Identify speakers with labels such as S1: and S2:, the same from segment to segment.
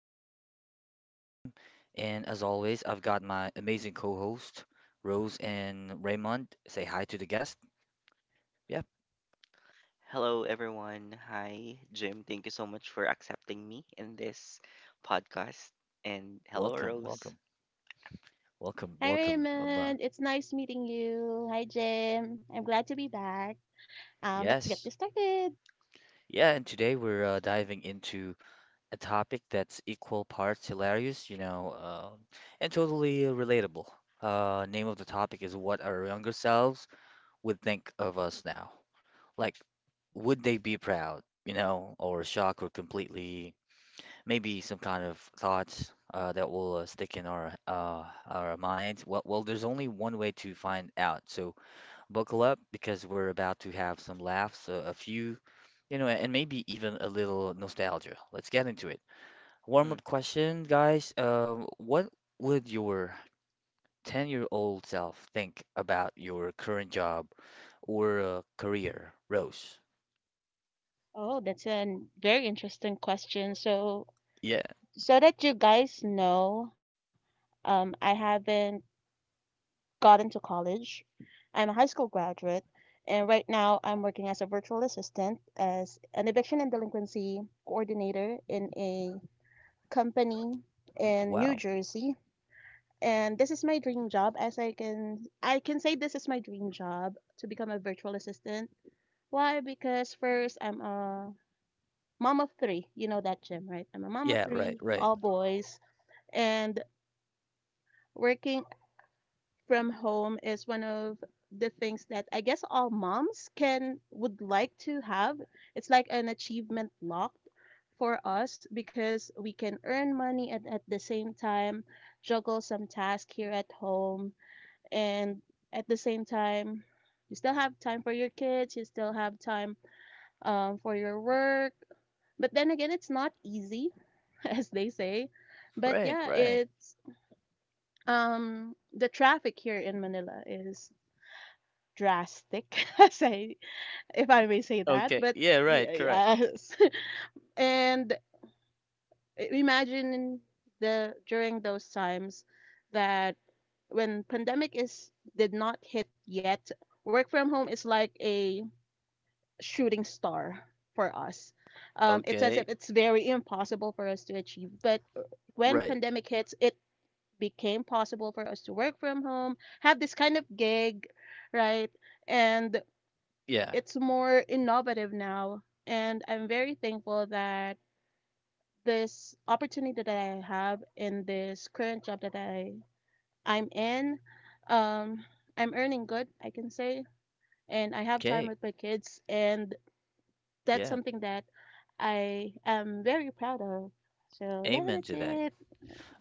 S1: podcast. This is Jim, and as always, I've got my amazing co-host Rose and Raymond. Say hi to the guest. Yep,
S2: Hello, everyone. Hi, Jim. Thank you so much for accepting me in this podcast. And hello,
S1: welcome,
S2: Rose.
S1: welcome, welcome,
S3: Hi
S1: welcome. Maban.
S3: Raymond, it's nice meeting you. Hi Jim, I'm glad to be back. Let's get
S1: Yes,
S3: this started.
S1: yeah, and today we're diving into a topic that's equal parts hilarious, and totally relatable. Name of the topic is what our younger selves would think of us now. Like, would they be proud, you know, or shocked or completely maybe some kind of thoughts that will stick in our minds? Well, there's only one way to find out. So buckle up because we're about to have some laughs, a few, you know, and maybe even a little nostalgia. Let's get into it. Warm
S2: Mm.
S1: up question, guys. What would your 10-year-old self think about your current job or career, Rose?
S3: Oh, that's a very interesting question. So that you guys know, I haven't gotten to college. I'm a high school graduate, and right now I'm working as a virtual assistant as an eviction and delinquency coordinator in a company in New
S1: Wow.
S3: Jersey. And this is my dream job, as I can say this is my dream job to become a virtual assistant. Why? Because first I'm a mom of 3. You know that, Jim, right? I'm a mom of
S1: Yeah, right,
S3: 3,
S1: right.
S3: all boys, and working from home is one of the things that I guess all moms can would like to have. It's like an achievement locked for us, because we can earn money and at the same time juggle some tasks here at home, and at the same time you still have time for your kids, you still have time, for your work. But then again, it's not easy, as they say. But
S1: Right,
S3: yeah,
S1: right.
S3: it's, the traffic here in Manila is drastic, as I, if I may say that.
S1: Okay.
S3: But
S1: Yeah, right, correct.
S3: yes. And imagine the during those times, that when pandemic is did not hit yet, work from home is like a shooting star for us. It's as
S1: Okay.
S3: if it's very impossible for us to achieve. But when
S1: Right.
S3: pandemic hits, it became possible for us to work from home, have this kind of gig, right? And
S1: Yeah.
S3: it's more innovative now. And I'm very thankful that this opportunity that I have in this current job that I'm in, um, I'm earning good, I can say, and I have time
S1: Okay.
S3: with my kids, and that's
S1: Yeah.
S3: something that I am very proud of. So yeah,
S1: Amen
S3: that's
S1: to that.
S3: it.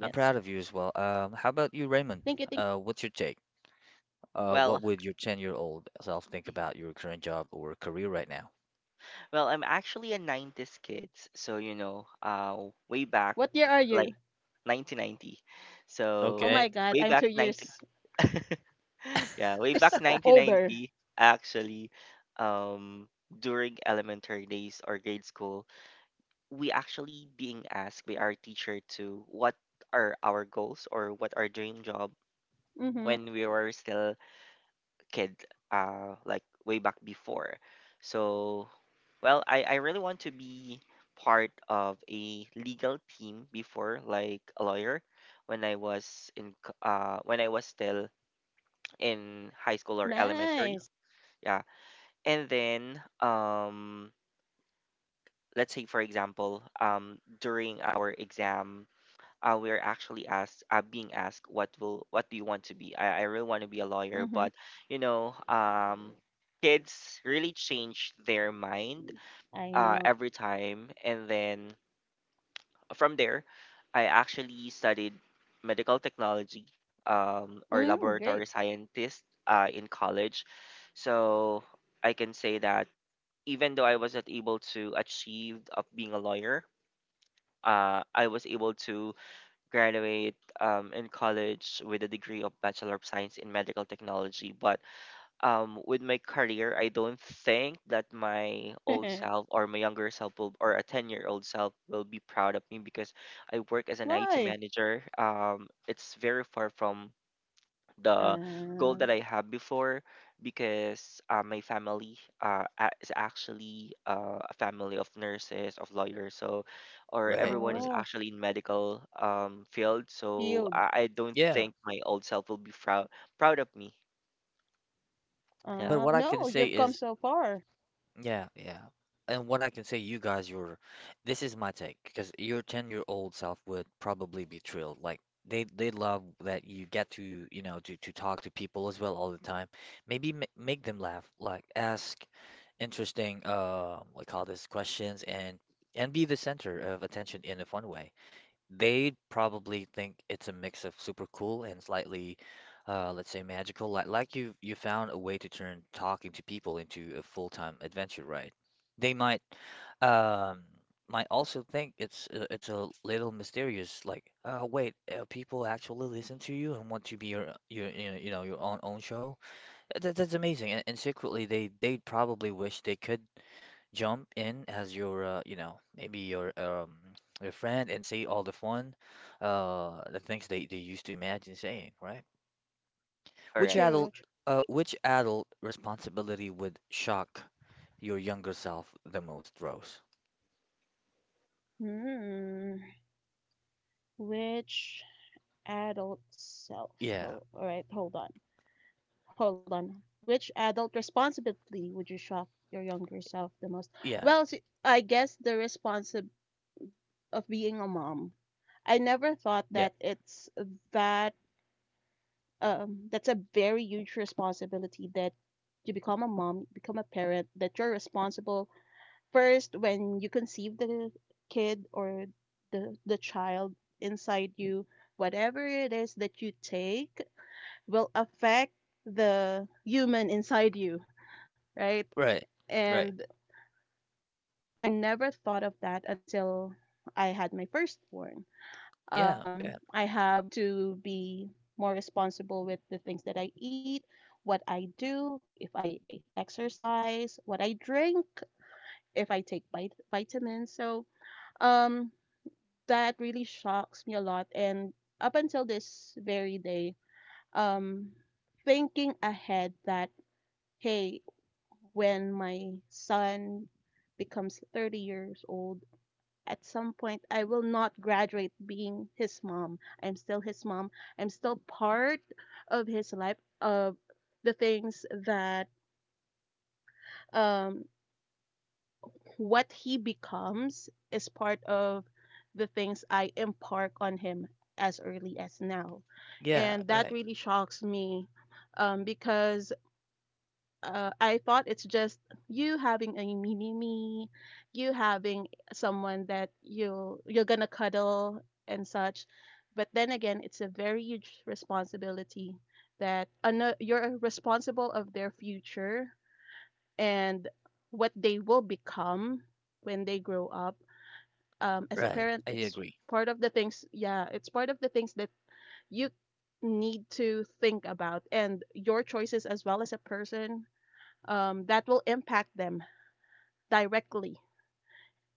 S1: I'm proud of you as well. How about you, Raymond?
S3: Thank you. Thank
S1: What's your take? What
S2: Well,
S1: would your 10-year-old self think
S2: mhm.
S1: about your current job or career right now?
S2: well, I'm actually a 90s kid. So, way back,
S3: What year are
S2: like
S3: you?
S2: 1990.
S3: Oh
S2: So,
S1: Okay.
S3: my God,
S2: way
S3: I'm
S2: back
S3: two
S2: 19,
S3: years
S2: yeah, way back
S3: older.
S2: 1990, actually, um, during elementary days or grade school, we actually being asked by our teacher to what are our goals or what our dream job
S3: Mm-hmm.
S2: when we were still kid, like way back before. So well, I really want to be part of a legal team before, like a lawyer, when I was still in high school or elementary.
S3: Nice.
S2: Yeah. And then let's say, for example, during our exam, we're actually asked, being asked, what do you want to be. I really want to be a lawyer,
S3: Mm-hmm.
S2: but you know um kids really change their mind
S3: I know.
S2: every time. And then from there, I actually studied medical technology, or
S3: Mm,
S2: laboratory
S3: great.
S2: scientist, in college. So I can say that even though I was not able to achieve of being a lawyer, I was able to graduate, in college, with a degree of Bachelor of Science in Medical Technology. But with my career, I don't think that my old self or my younger self will, or a 10-year-old self will be proud of me, because I work as an IT
S3: Why?
S2: manager. It's very far from the goal
S3: Uh,
S2: that I have before, because my family, is actually a family of nurses, of lawyers. Or
S1: Right,
S2: everyone is
S1: right.
S3: oh,
S2: actually in medical field. So
S3: field.
S2: I don't
S1: Yeah.
S2: think my old self will be proud of me. Yeah,
S1: But what I can
S3: No,
S1: say
S3: you've come
S1: is,
S3: so far.
S1: yeah, yeah. And what I can say, you guys, your this is my take, because your 10-year-old self would probably be thrilled. Like, they love that you get to, you know, to talk to people as well all the time. Maybe ma make them laugh, like ask interesting what call this questions and be the center of attention in a fun way. They'd probably think it's a mix of super cool and slightly, let's say magical. Like, you found a way to turn talking to people into a full-time adventure, right? They um might also think it's a little mysterious. Like, wait, people actually listen to you and want to be your you know, your own show. That's amazing. And secretly, they probably wish they could jump in as your you know, maybe your friend and say all the fun the things they used to imagine saying, right? which
S2: correct.
S1: adult
S3: True. True.
S1: uh which adult responsibility would shock your younger self the most, Rose?
S3: Hmm. Which adult self?
S1: Yeah.
S3: Oh, all right, hold on. Hold on. Which adult responsibility would you shock your younger self the most?
S1: Yeah.
S3: Well, I guess the response of being a mom. I never thought
S1: Yeah.
S3: that it's that that's a very huge responsibility, that you become a mom, become a parent, that you're responsible first when you conceive the kid or the child inside you, whatever it is that you take will affect the human inside you, right?
S1: Right, right.
S3: And I never thought of that until I had my firstborn.
S1: Yeah. Yeah.
S3: I have to be more responsible with the things that I eat, what I do, if I exercise, what I drink, if I take vitamins. So um, that really shocks me a lot. And up until this very day, um, thinking ahead that, hey, when my son becomes 30 years old, at some point I will not graduate being his mom. I'm still his mom. I'm still part of his life, of the things that, um what he becomes is part of the things I impart on him as early as now.
S1: Yeah.
S3: And that
S1: Right,
S3: really shocks me, because I thought it's just you having a mini me, you having someone that you're gonna cuddle and such. But then again, it's a very huge responsibility, that you're responsible of their future and what they will become when they grow up. As a
S1: right. I
S3: parent, it's
S1: agree.
S3: part of the things. Yeah, it's part of the things that you need to think about, and your choices as well as a person, that will impact them directly.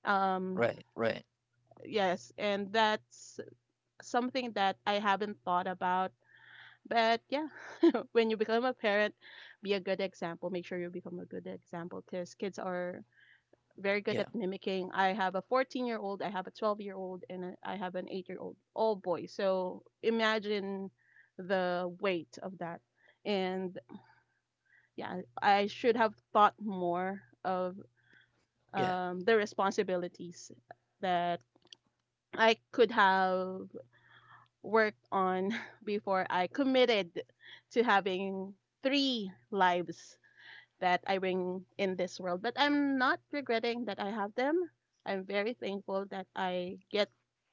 S3: Um,
S1: Right, right.
S3: yes, and that's something that I haven't thought about. But yeah, when you become a parent, be a good example. Make sure you become a good example, because kids are very good
S1: Yeah.
S3: at mimicking. I have a 14-year-old, I have a 12-year-old, and I have an 8-year-old, all boys. So imagine the weight of that. And yeah, I should have thought more of,
S1: Yeah.
S3: the responsibilities that I could have worked on before I committed to having three lives that I bring in this world. But I'm not regretting that I have them. I'm very thankful that I get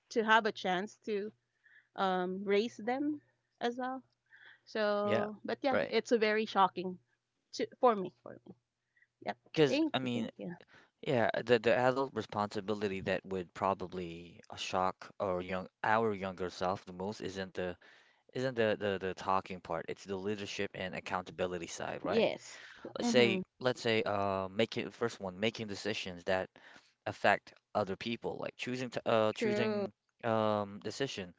S3: to have a chance to, raise them as well.
S1: Yeah.
S3: So, but yeah,
S1: Right,
S3: it's very shocking to for me. For me, yep.
S1: because
S3: Thank
S1: I
S3: you, thank
S1: mean,
S3: you.
S1: yeah, the adult responsibility that would probably shock our younger self the most isn't the the talking part. It's the leadership and accountability side, right?
S3: Yes.
S1: Let's
S3: Mm-hmm.
S1: say let's say uh making, first one, making decisions that affect other people, like
S3: True.
S1: choosing decision,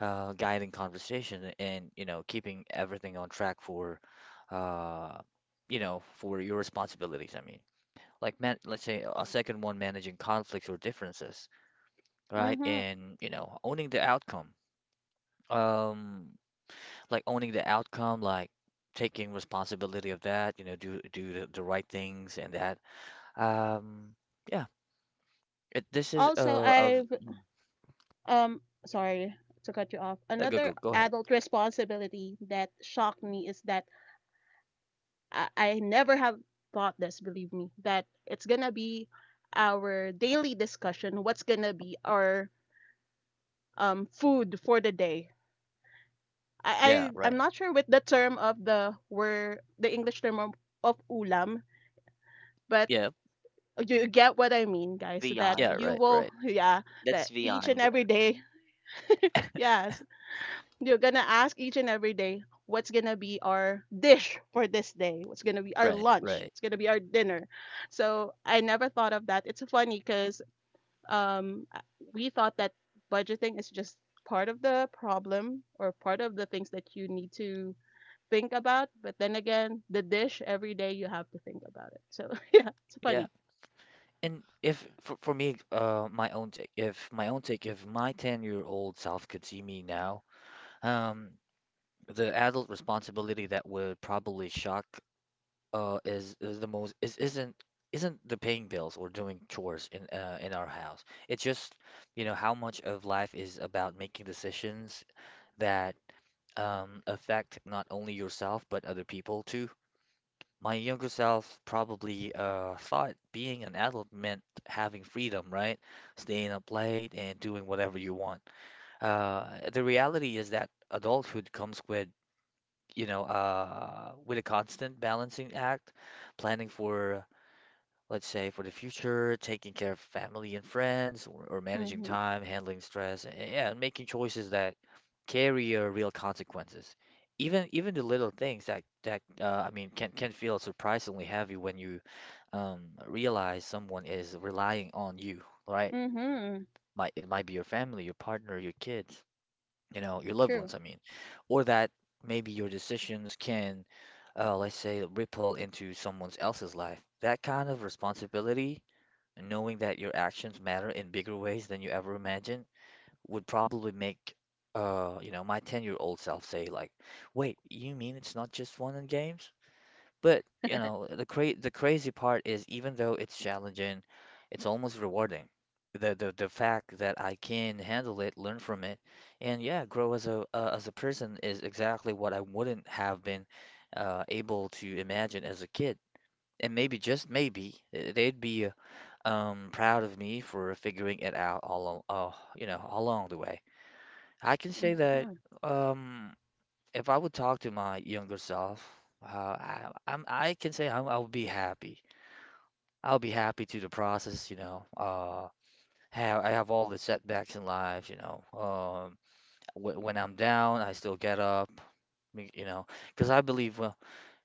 S1: guiding conversation and, you know, keeping everything on track for uh you know, for your responsibilities, I mean, like, man, let's say a second one, managing conflicts or differences, right,
S3: Mm-hmm.
S1: and, you know, owning the outcome, um like owning the outcome, like taking responsibility of that, you know, do the right things, and that um yeah, it, this is
S3: Also, I've um sorry to cut you off. Another
S1: go ahead.
S3: adult responsibility that shocked me is that I never have thought this, believe me, that it's gonna be our daily discussion, what's gonna be our, food for the day. I,
S1: Yeah,
S3: I I'm
S1: right.
S3: not sure with the term of the word, the English term of ulam, but
S1: Yeah,
S3: you get what I mean, guys, that
S1: yeah.
S2: Beyond
S3: you
S1: Right,
S3: will
S1: right.
S3: yeah,
S2: That's
S3: that each and
S2: beyond.
S3: every day. Yes. You're gonna ask each and every day, what's gonna be our dish for this day? What's gonna be our
S1: Right,
S3: lunch?
S1: right.
S3: It's gonna be our dinner. So I never thought of that. It's funny because, um, uh, we thought that budgeting is just part of the problem or part of the things that you need to think about. But then again, the dish every day you have to think about it. So yeah, it's
S1: Yeah.
S3: funny.
S1: And if for, for me, my own take, if my 10-year-old self could see me now, um the adult responsibility that would probably shock is the most is isn't the paying bills or doing chores in our house. It's just, you know, how much of life is about making decisions that affect not only yourself but other people too. My younger self probably thought being an adult meant having freedom, right? Staying up late and doing whatever you want. The reality is that adulthood comes with, you know, with a constant balancing act, planning for, let's say, for the future, taking care of family and friends, or managing
S3: Mhm.
S1: time, handling stress, and, yeah, and making choices that carry real consequences. Even the little things that I mean, can feel surprisingly heavy when you um, realize someone is relying on you, right?
S3: Mhm.
S1: Might, it might be your family, your partner, your kids, you know, your loved
S3: True.
S1: ones, I mean, or that maybe your decisions can, let's say, ripple into someone else's life. That kind of responsibility, knowing that your actions matter in bigger ways than you ever imagined, would probably make, you know, my 10-year-old self say, like, wait, you mean it's not just fun and games? But, you know, the crazy part is, even though it's challenging, it's almost rewarding. The fact that I can handle it, learn from it, and, yeah, grow as a person is exactly what I wouldn't have been able to imagine as a kid. And maybe, just maybe, they'd be proud of me for figuring it out you know, along the way. I can say
S3: Mhm.
S1: that um if I would talk to my younger self, I'm, I can say I'm, I'll be happy. I'll be happy to the process, you know. Have, I have all the setbacks in life, you know. W when I'm down, I still get up, you know, because I believe, well,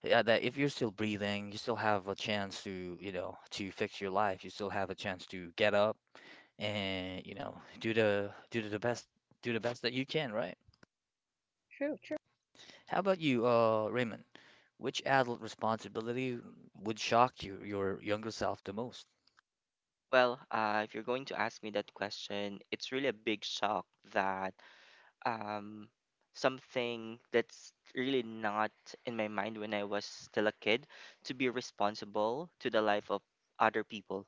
S1: yeah, that if you're still breathing, you still have a chance to, you know, to fix your life. You still have a chance to get up and, you know, do the best, do the best that you can, right?
S3: True. True.
S1: How about you, Raymond? Which adult responsibility would shock you, your younger self, the most?
S2: Well, if you're going to ask me that question, it's really a big shock that, um, something that's really not in my mind when I was still a kid, to be responsible to the life of other people.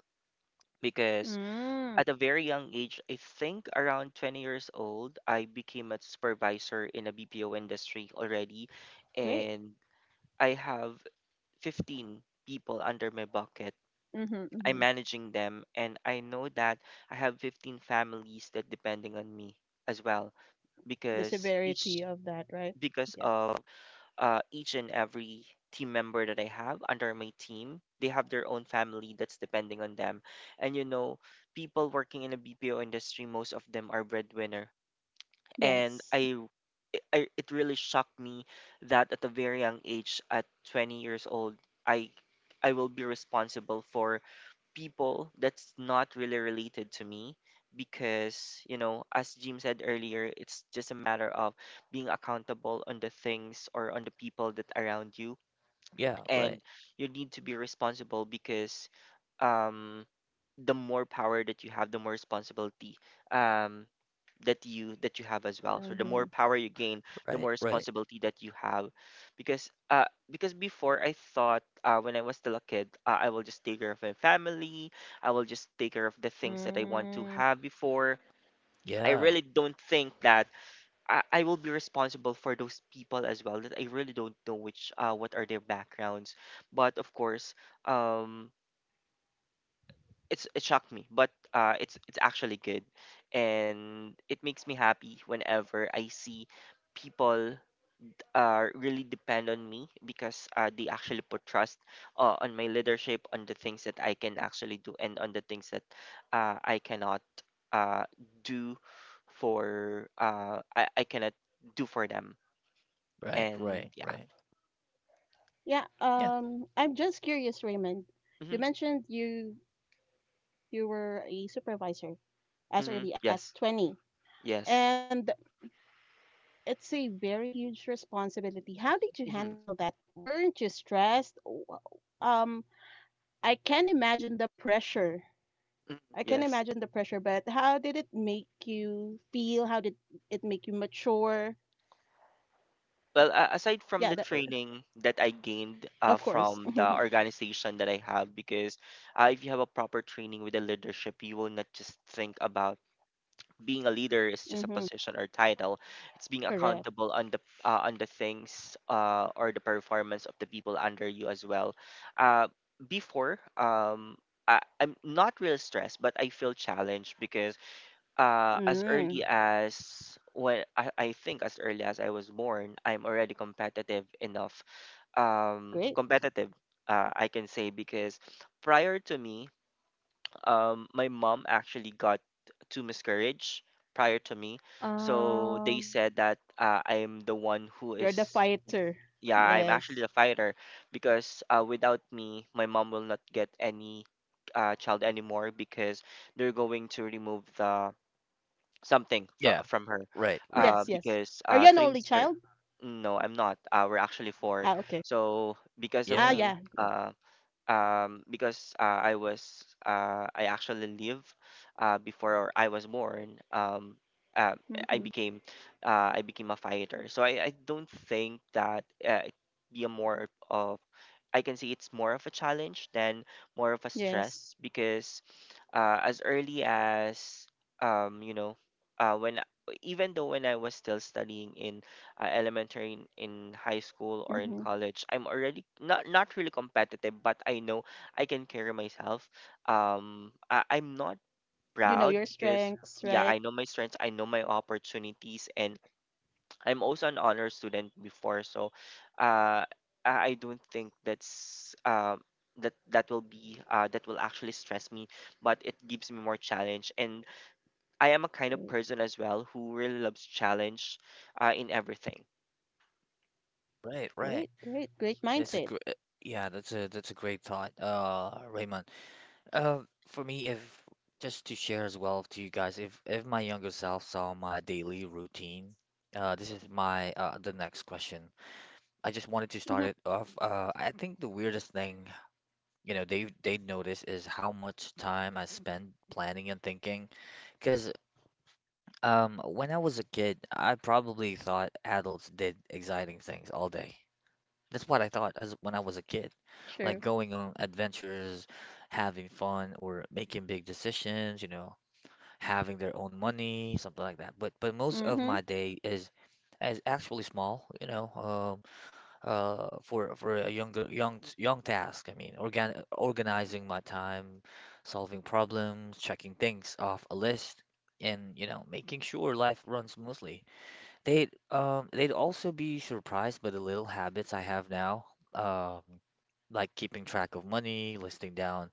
S2: Because
S3: Mm.
S2: at a very young age, I think around 20 years old, I became a supervisor in a BPO industry already.
S3: Great.
S2: And I have 15 people under my bucket.
S3: Mhm.
S2: I'm
S3: Mhm.
S2: managing them, and I know that I have 15 families that depending on me as well,
S3: The
S2: because each
S3: severity of that, right?
S2: because
S3: Yep.
S2: of each and every team member that I have under my team. They have their own family that's depending on them. And you know, people working in the BPO industry, most of them are breadwinner. And
S3: Yes.
S2: I it really shocked me that at a very young age, at 20 years old, I I will be responsible for people that's not really related to me, because you know, as Jim said earlier, it's just a matter of being accountable on the things or on the people that around you.
S1: Yeah, right,
S2: And you need to be responsible, because um the more power that you have, the more responsibility, um that you have as well. So the more
S3: Mm-hmm.
S2: power you gain, the
S1: right,
S2: more
S1: right.
S2: responsibility that you have. Because uh because before, I thought, when I was still a kid, I will just take care of my family. I will just take care of the things that I want to
S3: Mm.
S2: have before. I
S1: Yeah,
S2: really don't think that I will be responsible for those people as well, that I really don't know which what are their backgrounds. But of course, um it shocked me, but it's actually good, and it makes me happy whenever I see people really depend on me, because they actually put trust on my leadership, on the things that I can actually do, and on the things that I cannot uh do for — I cannot do for them.
S1: right,
S2: And
S1: right,
S2: yeah.
S1: right.
S3: Yeah.
S1: Yeah,
S3: I'm just curious, Raymond. You
S2: Mhm.
S3: mentioned you were a supervisor as
S2: Mhm.
S3: early as
S2: Yes.
S3: 20,
S2: Yes.
S3: and it's a very huge responsibility. How did you
S2: Mhm.
S3: handle that? Weren't you stressed? Um, I can imagine the pressure.
S2: Mhm.
S3: I can
S2: Yes.
S3: imagine the pressure, but how did it make you feel? How did it make you mature?
S2: Well, aside from the
S3: Yeah, that,
S2: training that I gained
S3: of
S2: from
S3: course.
S2: the organization that I have, because if you have a proper training with the leadership, you will not just think about being a leader is just a
S3: Mm-hmm.
S2: position or title. It's being
S3: Correct.
S2: accountable on the, on the things, or the performance of the people under you as well. Uh, Before, I'm not real stressed, but I feel challenged, because as
S3: Mm,
S2: early as when I think, as early as I was born, I'm already competitive enough.
S3: great.
S2: Competitive, I can say, because prior to me, my mom actually got two miscarriage prior to me, so they
S3: Um,
S2: said that, I'm the one who
S3: you're the
S2: is.
S3: fighter.
S2: Yeah, I'm actually
S3: Yes.
S2: the fighter, because without me, my mom will not get any child anymore, because they're going to remove the something from
S1: yeah,
S2: from her,
S1: right, right.
S3: Yes, yes.
S2: because
S3: Are you an
S2: three
S3: only
S2: months
S3: child?
S2: no, I'm not. We're actually four.
S3: Ah, okay.
S2: So because of
S3: Ah,
S1: Yeah,
S2: me,
S3: yeah, yeah.
S2: because I was, I actually live, before I was born. Uh, I
S3: Mm-hmm.
S2: became I became a fighter. So I don't think that, it be a more of I can say it's more of a challenge than more of a
S3: Yes.
S2: stress, because as early as, um, you know when — even though when I was still studying in, elementary, in high school or in
S3: Mm-hmm.
S2: college, I'm already not really competitive, but I know I can carry myself. I'm not
S3: You know
S2: proud
S3: your
S2: because —
S3: strengths,
S2: yeah,
S3: right?
S2: I know my strengths, I know my opportunities, and I'm also an honor student before. So uh I I don't think that's, that will be, that will actually stress me, but it gives me more challenge. And I am a kind of
S3: Great,
S2: person as well who really loves challenge, in everything.
S1: right, right.
S3: great, great, great
S1: That's a
S3: mindset.
S1: great, yeah, that's a, that's a great thought, Raymond. Uh, for me, if just to share as well to you guys, if my younger self saw my daily routine, this is my the next question. I just wanted to start
S3: Mm-hmm.
S1: it off. I think the weirdest thing, you know, they notice is how much time I spend planning and thinking. Because when I was a kid, I probably thought adults did exciting things all day. That's what I thought as when I was a kid, like
S3: Sure.
S1: going on adventures, having fun, or making big decisions. You know, having their own money, something like that. But most of
S3: Mm-hmm.
S1: my day is actually small. You know, for a young task. I mean, organizing my time, solving problems, checking things off a list, and, you know, making sure life runs smoothly. They'd they'd also be surprised by the little habits I have now, um, like keeping track of money, listing down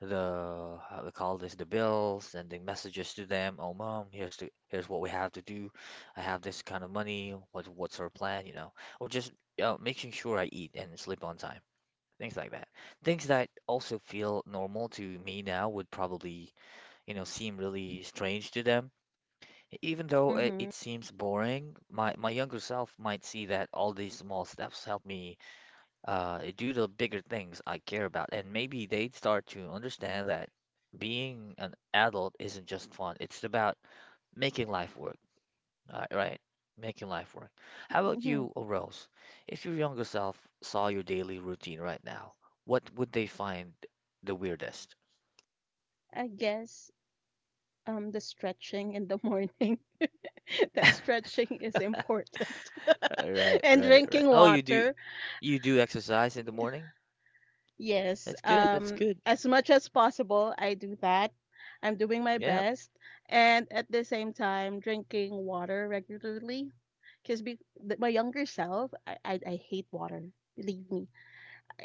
S1: the how they call this, the bills, sending messages to them. Oh, mom, here's the here's what we have to do. I have this kind of money. What's our plan? You know, or just, you know, making sure I eat and sleep on time. Things like that. Things that also feel normal to me now would probably, you know, seem really strange to them. Even though
S3: Mm-hmm.
S1: it seems boring, my younger self might see that all these small steps help me do the bigger things I care about. And maybe they'd start to understand that being an adult isn't just fun, it's about making life work. All right, right? Making life work. How about
S3: Mm-hmm.
S1: you, Rose? If your younger self saw your daily routine right now, what would they find the weirdest?
S3: I guess, the stretching in the morning. That stretching is important.
S1: Right,
S3: And
S1: right, right.
S3: drinking
S1: Oh, you do,
S3: water.
S1: you do exercise in the morning?
S3: Yes,
S1: That's good. That's good.
S3: as much as possible, I do that. I'm doing my
S1: Yeah.
S3: best, and at the same time, drinking water regularly. Because my younger self, I hate water. Believe me,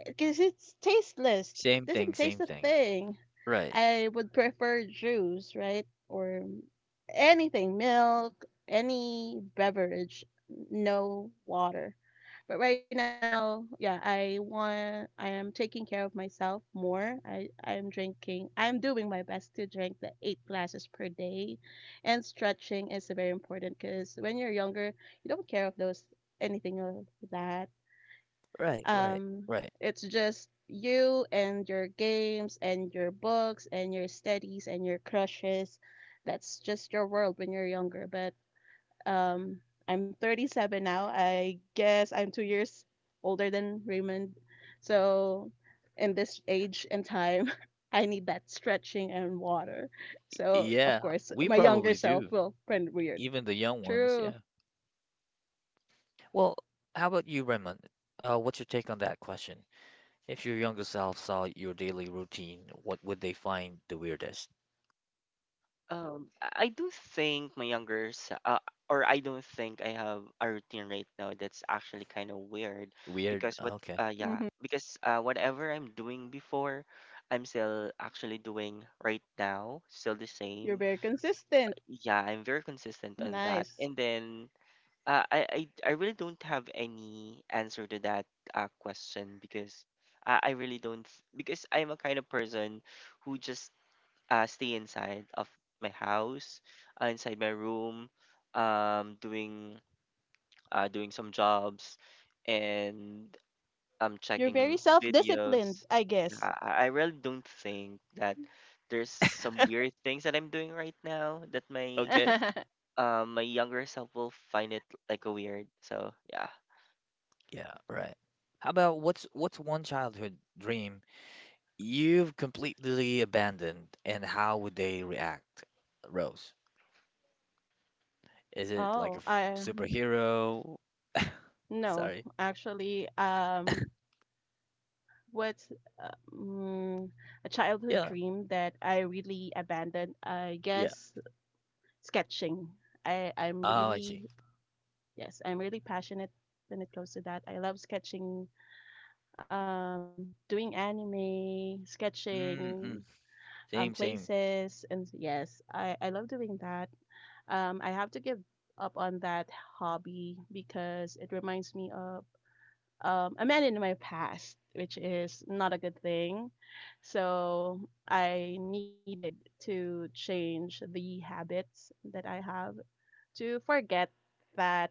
S3: because it's tasteless.
S1: Same thing,
S3: Doesn't taste
S1: same
S3: a
S1: thing.
S3: thing.
S1: Right.
S3: I would prefer juice, right, or anything, milk, any beverage, no water. But right now, yeah, I am taking care of myself more. I am drinking. I'm doing my best to drink the eight glasses per day, and stretching is very important, because when you're younger, you don't care of those anything of that,
S1: Right, right,
S3: um,
S1: right.
S3: it's just you and your games and your books and your studies and your crushes. That's just your world when you're younger. But um, I'm 37 now. I guess I'm 2 years older than Raymond. So in this age and time, I need that stretching and water. So of
S1: Yeah,
S3: course,
S1: we
S3: my younger
S1: probably
S3: self
S1: do.
S3: will find it weird.
S1: Even the young ones,
S3: True.
S1: yeah. Well, how about you, Raymond? What's your take on that question? If your younger self saw your daily routine, what would they find the weirdest?
S2: I do think my younger or — I don't think I have a routine right now that's actually kind of weird,
S1: Weird?
S2: because what
S1: Okay.
S2: yeah,
S3: Hmm.
S2: because whatever I'm doing before, I'm still actually doing right now, still the
S3: You're
S2: same.
S3: very consistent.
S2: Yeah, I'm very consistent on that.
S3: Nice.
S2: And then uh, I, I I really don't have any answer to that question, because I really don't. Because I'm a kind of person who just, stay inside of my house, inside my room, doing, doing some jobs, and
S3: You're very
S2: checking videos.
S3: self-disciplined, I
S2: Yeah,
S3: guess.
S2: I really don't think that there's some weird things that I'm doing right now that my,
S1: Okay.
S2: my younger self will find it like a weird. So yeah.
S1: Yeah, right. How about, what's one childhood dream you've completely abandoned, and how would they react, Rose? Is it like a
S3: Oh, I
S1: superhero?
S3: no,
S1: Sorry.
S3: actually, what's, uh, mm, a childhood
S1: Yeah,
S3: dream that I really abandoned? I
S1: yeah.
S3: guess sketching. I I'm
S1: Oh, I see.
S3: really Yes, I'm really passionate when it comes to that. I love sketching, doing anime,
S1: Mm-mm.
S3: sketching,
S1: Same, same.
S3: places, and yes, I love doing that. I have to give up on that hobby, because it reminds me of, a man in my past, which is not a good thing. So I needed to change the habits that I have, to forget that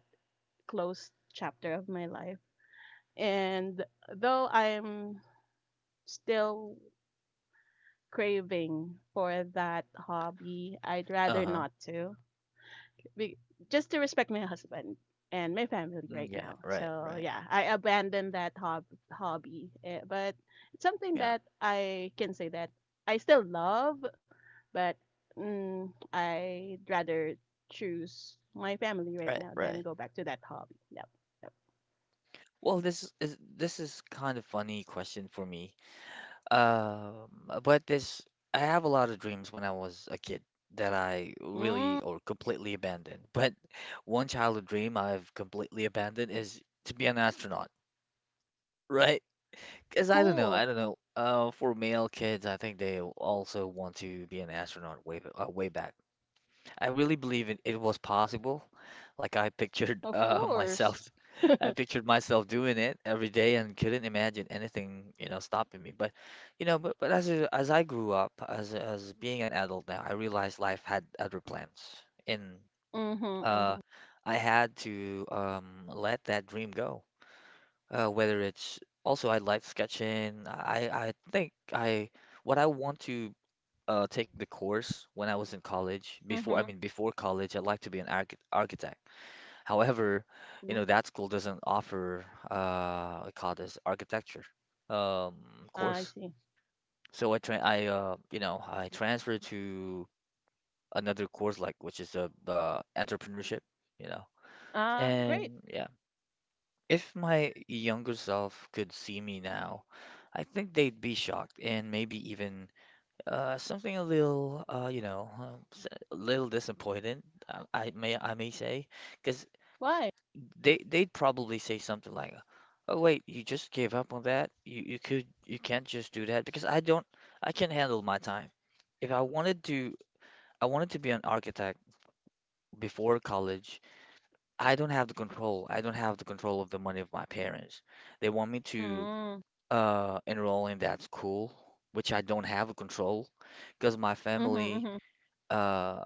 S3: closed chapter of my life. And though I'm still craving for that hobby, I'd rather
S1: Uh-huh.
S3: not to be, just to respect my husband and my family
S1: Mm,
S3: right
S1: yeah,
S3: now.
S1: right,
S3: So
S1: right.
S3: yeah, I abandoned that hobby, eh, but it's something
S1: Yeah,
S3: that I can say that I still love, but, I'd rather choose my family right
S1: right,
S3: now than
S1: right.
S3: go back to that hobby. Yep. Yep.
S1: Well, this is, this is kind of funny question for me. Um, but this, I have a lot of dreams when I was a kid that I
S3: Mm,
S1: really or completely abandoned. But one childhood dream I've completely abandoned is to be an astronaut, right? Because I don't know,
S3: cool.
S1: I don't know. For male kids, I think they also want to be an astronaut way back. I really believe it, it was possible. Like, I pictured,
S3: Of
S1: uh,
S3: course.
S1: myself, I pictured myself doing it every day and couldn't imagine anything, you know, stopping me. But, you know, but as I grew up, as being an adult now, I realized life had other plans, and
S3: Mhm.
S1: uh,
S3: Mhm.
S1: I had to let that dream go. Whether it's also I like sketching. I think I what I want to take the course when I was in college before, I
S3: Mhm.
S1: mean before college I'd like to be an architect. However, you
S3: Mhm.
S1: know, that school doesn't offer I call this architecture um,
S3: Ah, I
S1: course.
S3: see.
S1: So I tra I you know, I transferred to another course, like, which is a entrepreneurship, you know.
S3: Ah, great.
S1: And yeah, if my younger self could see me now, I think they'd be shocked and maybe even something a little a little disappointed. I may say, because
S3: Why?
S1: they they'd probably say something like, "Oh wait, you just gave up on that? You can't just do that because I don't, I can't handle my time. If I wanted to I wanted to be an architect before college, I don't have the control. I don't have the control of the money of my parents. They want me to
S3: Mm.
S1: enroll in that school, which I don't have a control, because my
S3: Mhm.
S1: family
S3: Mhm.
S1: uh,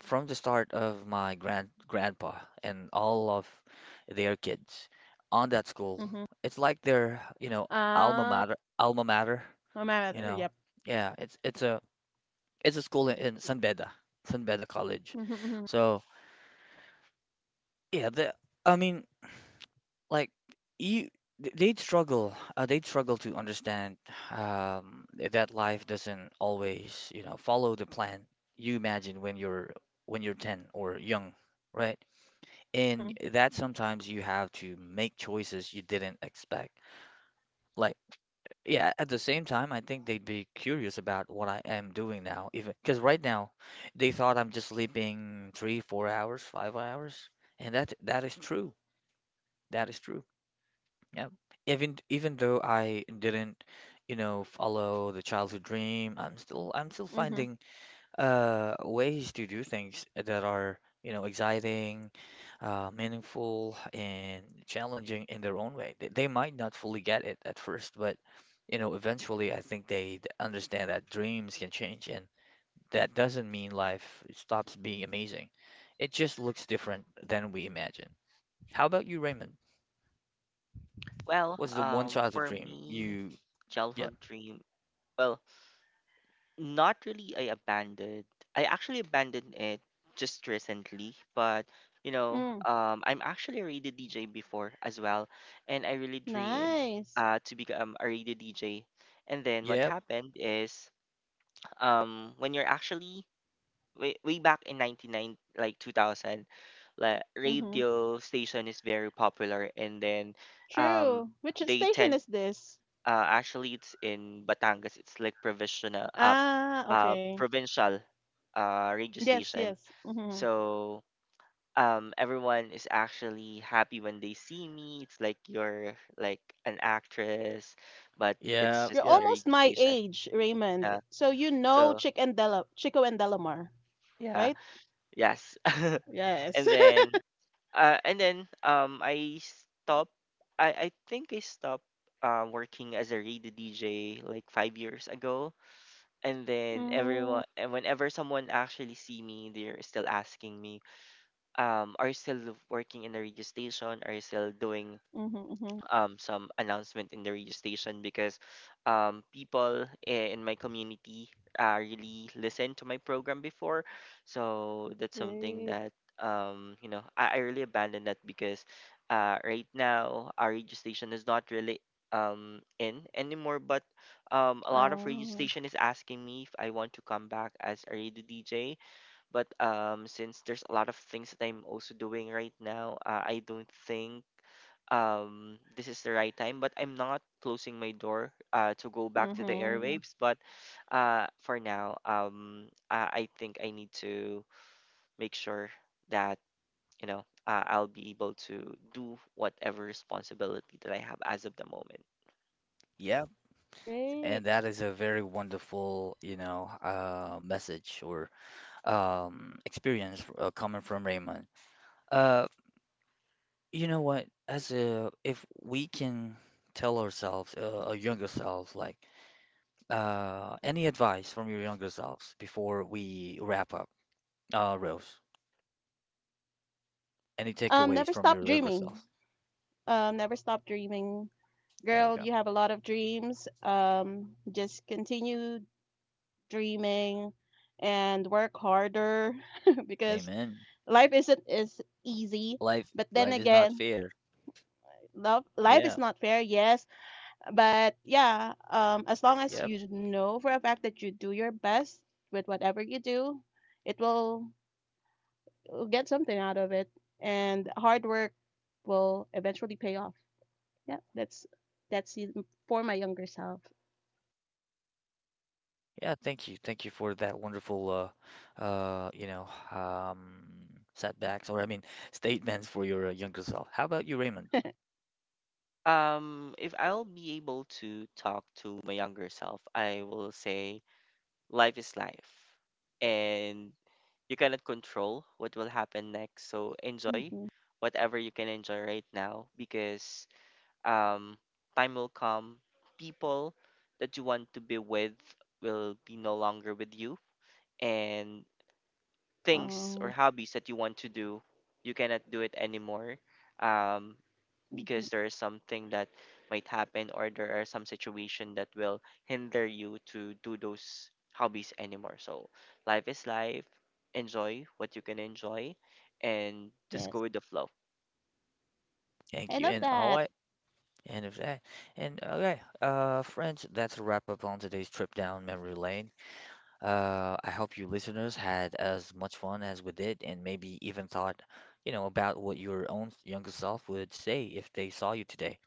S1: from the start of my grandpa and all of their kids on that school.
S3: Mhm.
S1: It's like their, you know,
S3: Ah.
S1: alma mater,
S3: No
S1: you
S3: matter.
S1: know.
S3: Yep.
S1: Yeah, it's a school in San Beda, San Beda College.
S3: Mhm.
S1: So yeah, the, I mean, like you, they'd struggle to understand um, that life doesn't always, you know, follow the plan you imagine when you're 10 or young, right? And
S3: Mhm.
S1: that sometimes you have to make choices you didn't expect. Like, yeah, at the same time, I think they'd be curious about what I am doing now, even because right now they thought I'm just sleeping three, four hours, five hours, and that is true. That is true. Yeah. Even though I didn't, you know, follow the childhood dream, I'm still
S3: Mhm. Mhm.
S1: finding ways to do things that are, you know, exciting, meaningful, and challenging in their own way. They might not fully get it at first, but, you know, eventually I think they understand that dreams can change, and that doesn't mean life stops being amazing. It just looks different than we imagine. How about you, Raymond?
S2: Well,
S1: What's the one childhood
S2: for
S1: dream
S2: me,
S1: you, yeah,
S2: childhood dream. Well, not really, I abandoned. I actually abandoned it just recently, but
S3: Mm.
S2: I'm actually a radio DJ before as well, and I really dream
S3: Nice.
S2: to become a radio DJ. And then what
S1: yep,
S2: happened is, when you're actually way, way back in 99, like 2000. Like
S3: Mhm.
S2: radio station is very popular. And then um,
S3: True. Which
S2: they
S3: station
S2: tend
S3: is this?
S2: actually, it's in Batangas. It's like provisional,
S3: Ah, okay.
S2: provincial, radio
S3: Yes,
S2: station.
S3: yes. Mhm.
S2: So everyone is actually happy when they see me. It's like you're like an actress, but it's
S1: yep,
S3: You're
S2: just in
S1: yep.
S2: a
S3: almost
S2: radio
S3: my
S2: station.
S3: age, Raymond.
S2: Yeah.
S3: So you know
S2: So
S3: Chick and Dela, Chico and Delamar,
S2: yeah,
S3: right?
S2: yes.
S3: Yes.
S2: and then and then, I stop. I think I stopped, working as a radio DJ like 5 years ago. And then,
S3: Mm.
S2: everyone, and whenever someone actually see me, they're still asking me, are you still working in the radio station, are you still doing
S3: Mhm. Mhm.
S2: some announcement in the radio station, because people, in my community, really listened to my program before. So that's something
S3: Great.
S2: that, I really abandoned that, because right now our radio station is not really in anymore. But a lot of radio
S3: Oh.
S2: station is asking me if I want to come back as a radio DJ, but since there's a lot of things that I'm also doing right now, I don't think this is the right time. But I'm not closing my door to go back to the
S3: Mhm.
S2: airwaves. But for now, I think I need to make sure that, I'll be able to do whatever responsibility that I have as of the moment.
S1: Yep,
S3: Great.
S1: and that is a very wonderful, you know, message or experience coming from Raymond. Uh, you know what? As a, if we can tell ourselves, our younger selves, like any advice from your younger selves before we wrap up, Rose. Any takeaways
S3: Never
S1: from
S3: stop
S1: your younger
S3: dreaming.
S1: self?
S3: Never stop dreaming.
S1: There we
S3: Girl,
S1: go.
S3: you have a lot of dreams. Just continue dreaming and work harder, because
S1: Amen.
S3: life isn't as easy.
S1: Life,
S3: But then
S1: life is not
S3: again,
S1: fair.
S3: love life is
S1: Yeah.
S3: not fair, yes. But yeah, as long as
S1: Yep.
S3: you know for a fact that you do your best with whatever you do, it will you'll get something out of it, and hard work will eventually pay off. Yeah, that's it for my younger self.
S1: Yeah. Thank you. Thank you for that wonderful, you know, um, setbacks, or I mean, statements for your younger self. How about you, Raymond?
S2: If I'll be able to talk to my younger self, I will say, life is life, and you cannot control what will happen next. So enjoy
S3: Mm-hmm.
S2: whatever you can enjoy right now, because um, time will come. People that you want to be with will be no longer with you. And things or
S3: Uh,
S2: hobbies that you want to do, you cannot do it anymore, um,
S3: mhm.
S2: because there is something that might happen, or there are some situation that will hinder you to do those hobbies anymore. So life is life. Enjoy what you can enjoy, and just go
S3: Yes,
S2: with the flow.
S1: Thank
S3: I
S1: you.
S3: love
S1: And all
S3: that.
S1: right. And of that. And okay, friends, that's a wrap up on today's trip down memory lane. I hope you listeners had as much fun as we did, and maybe even thought, you know, about what your own younger self would say if they saw you today.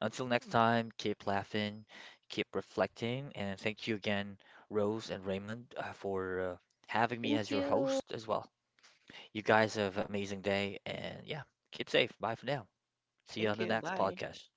S1: Until next time, keep laughing, keep reflecting, and thank you again, Rose and Raymond, for having me
S3: Thank
S1: as your
S3: you.
S1: host as well. You guys have an amazing day, and yeah, keep safe. Bye for now. See you
S2: Thank
S1: on the
S2: you.
S1: next
S2: Bye.
S1: podcast.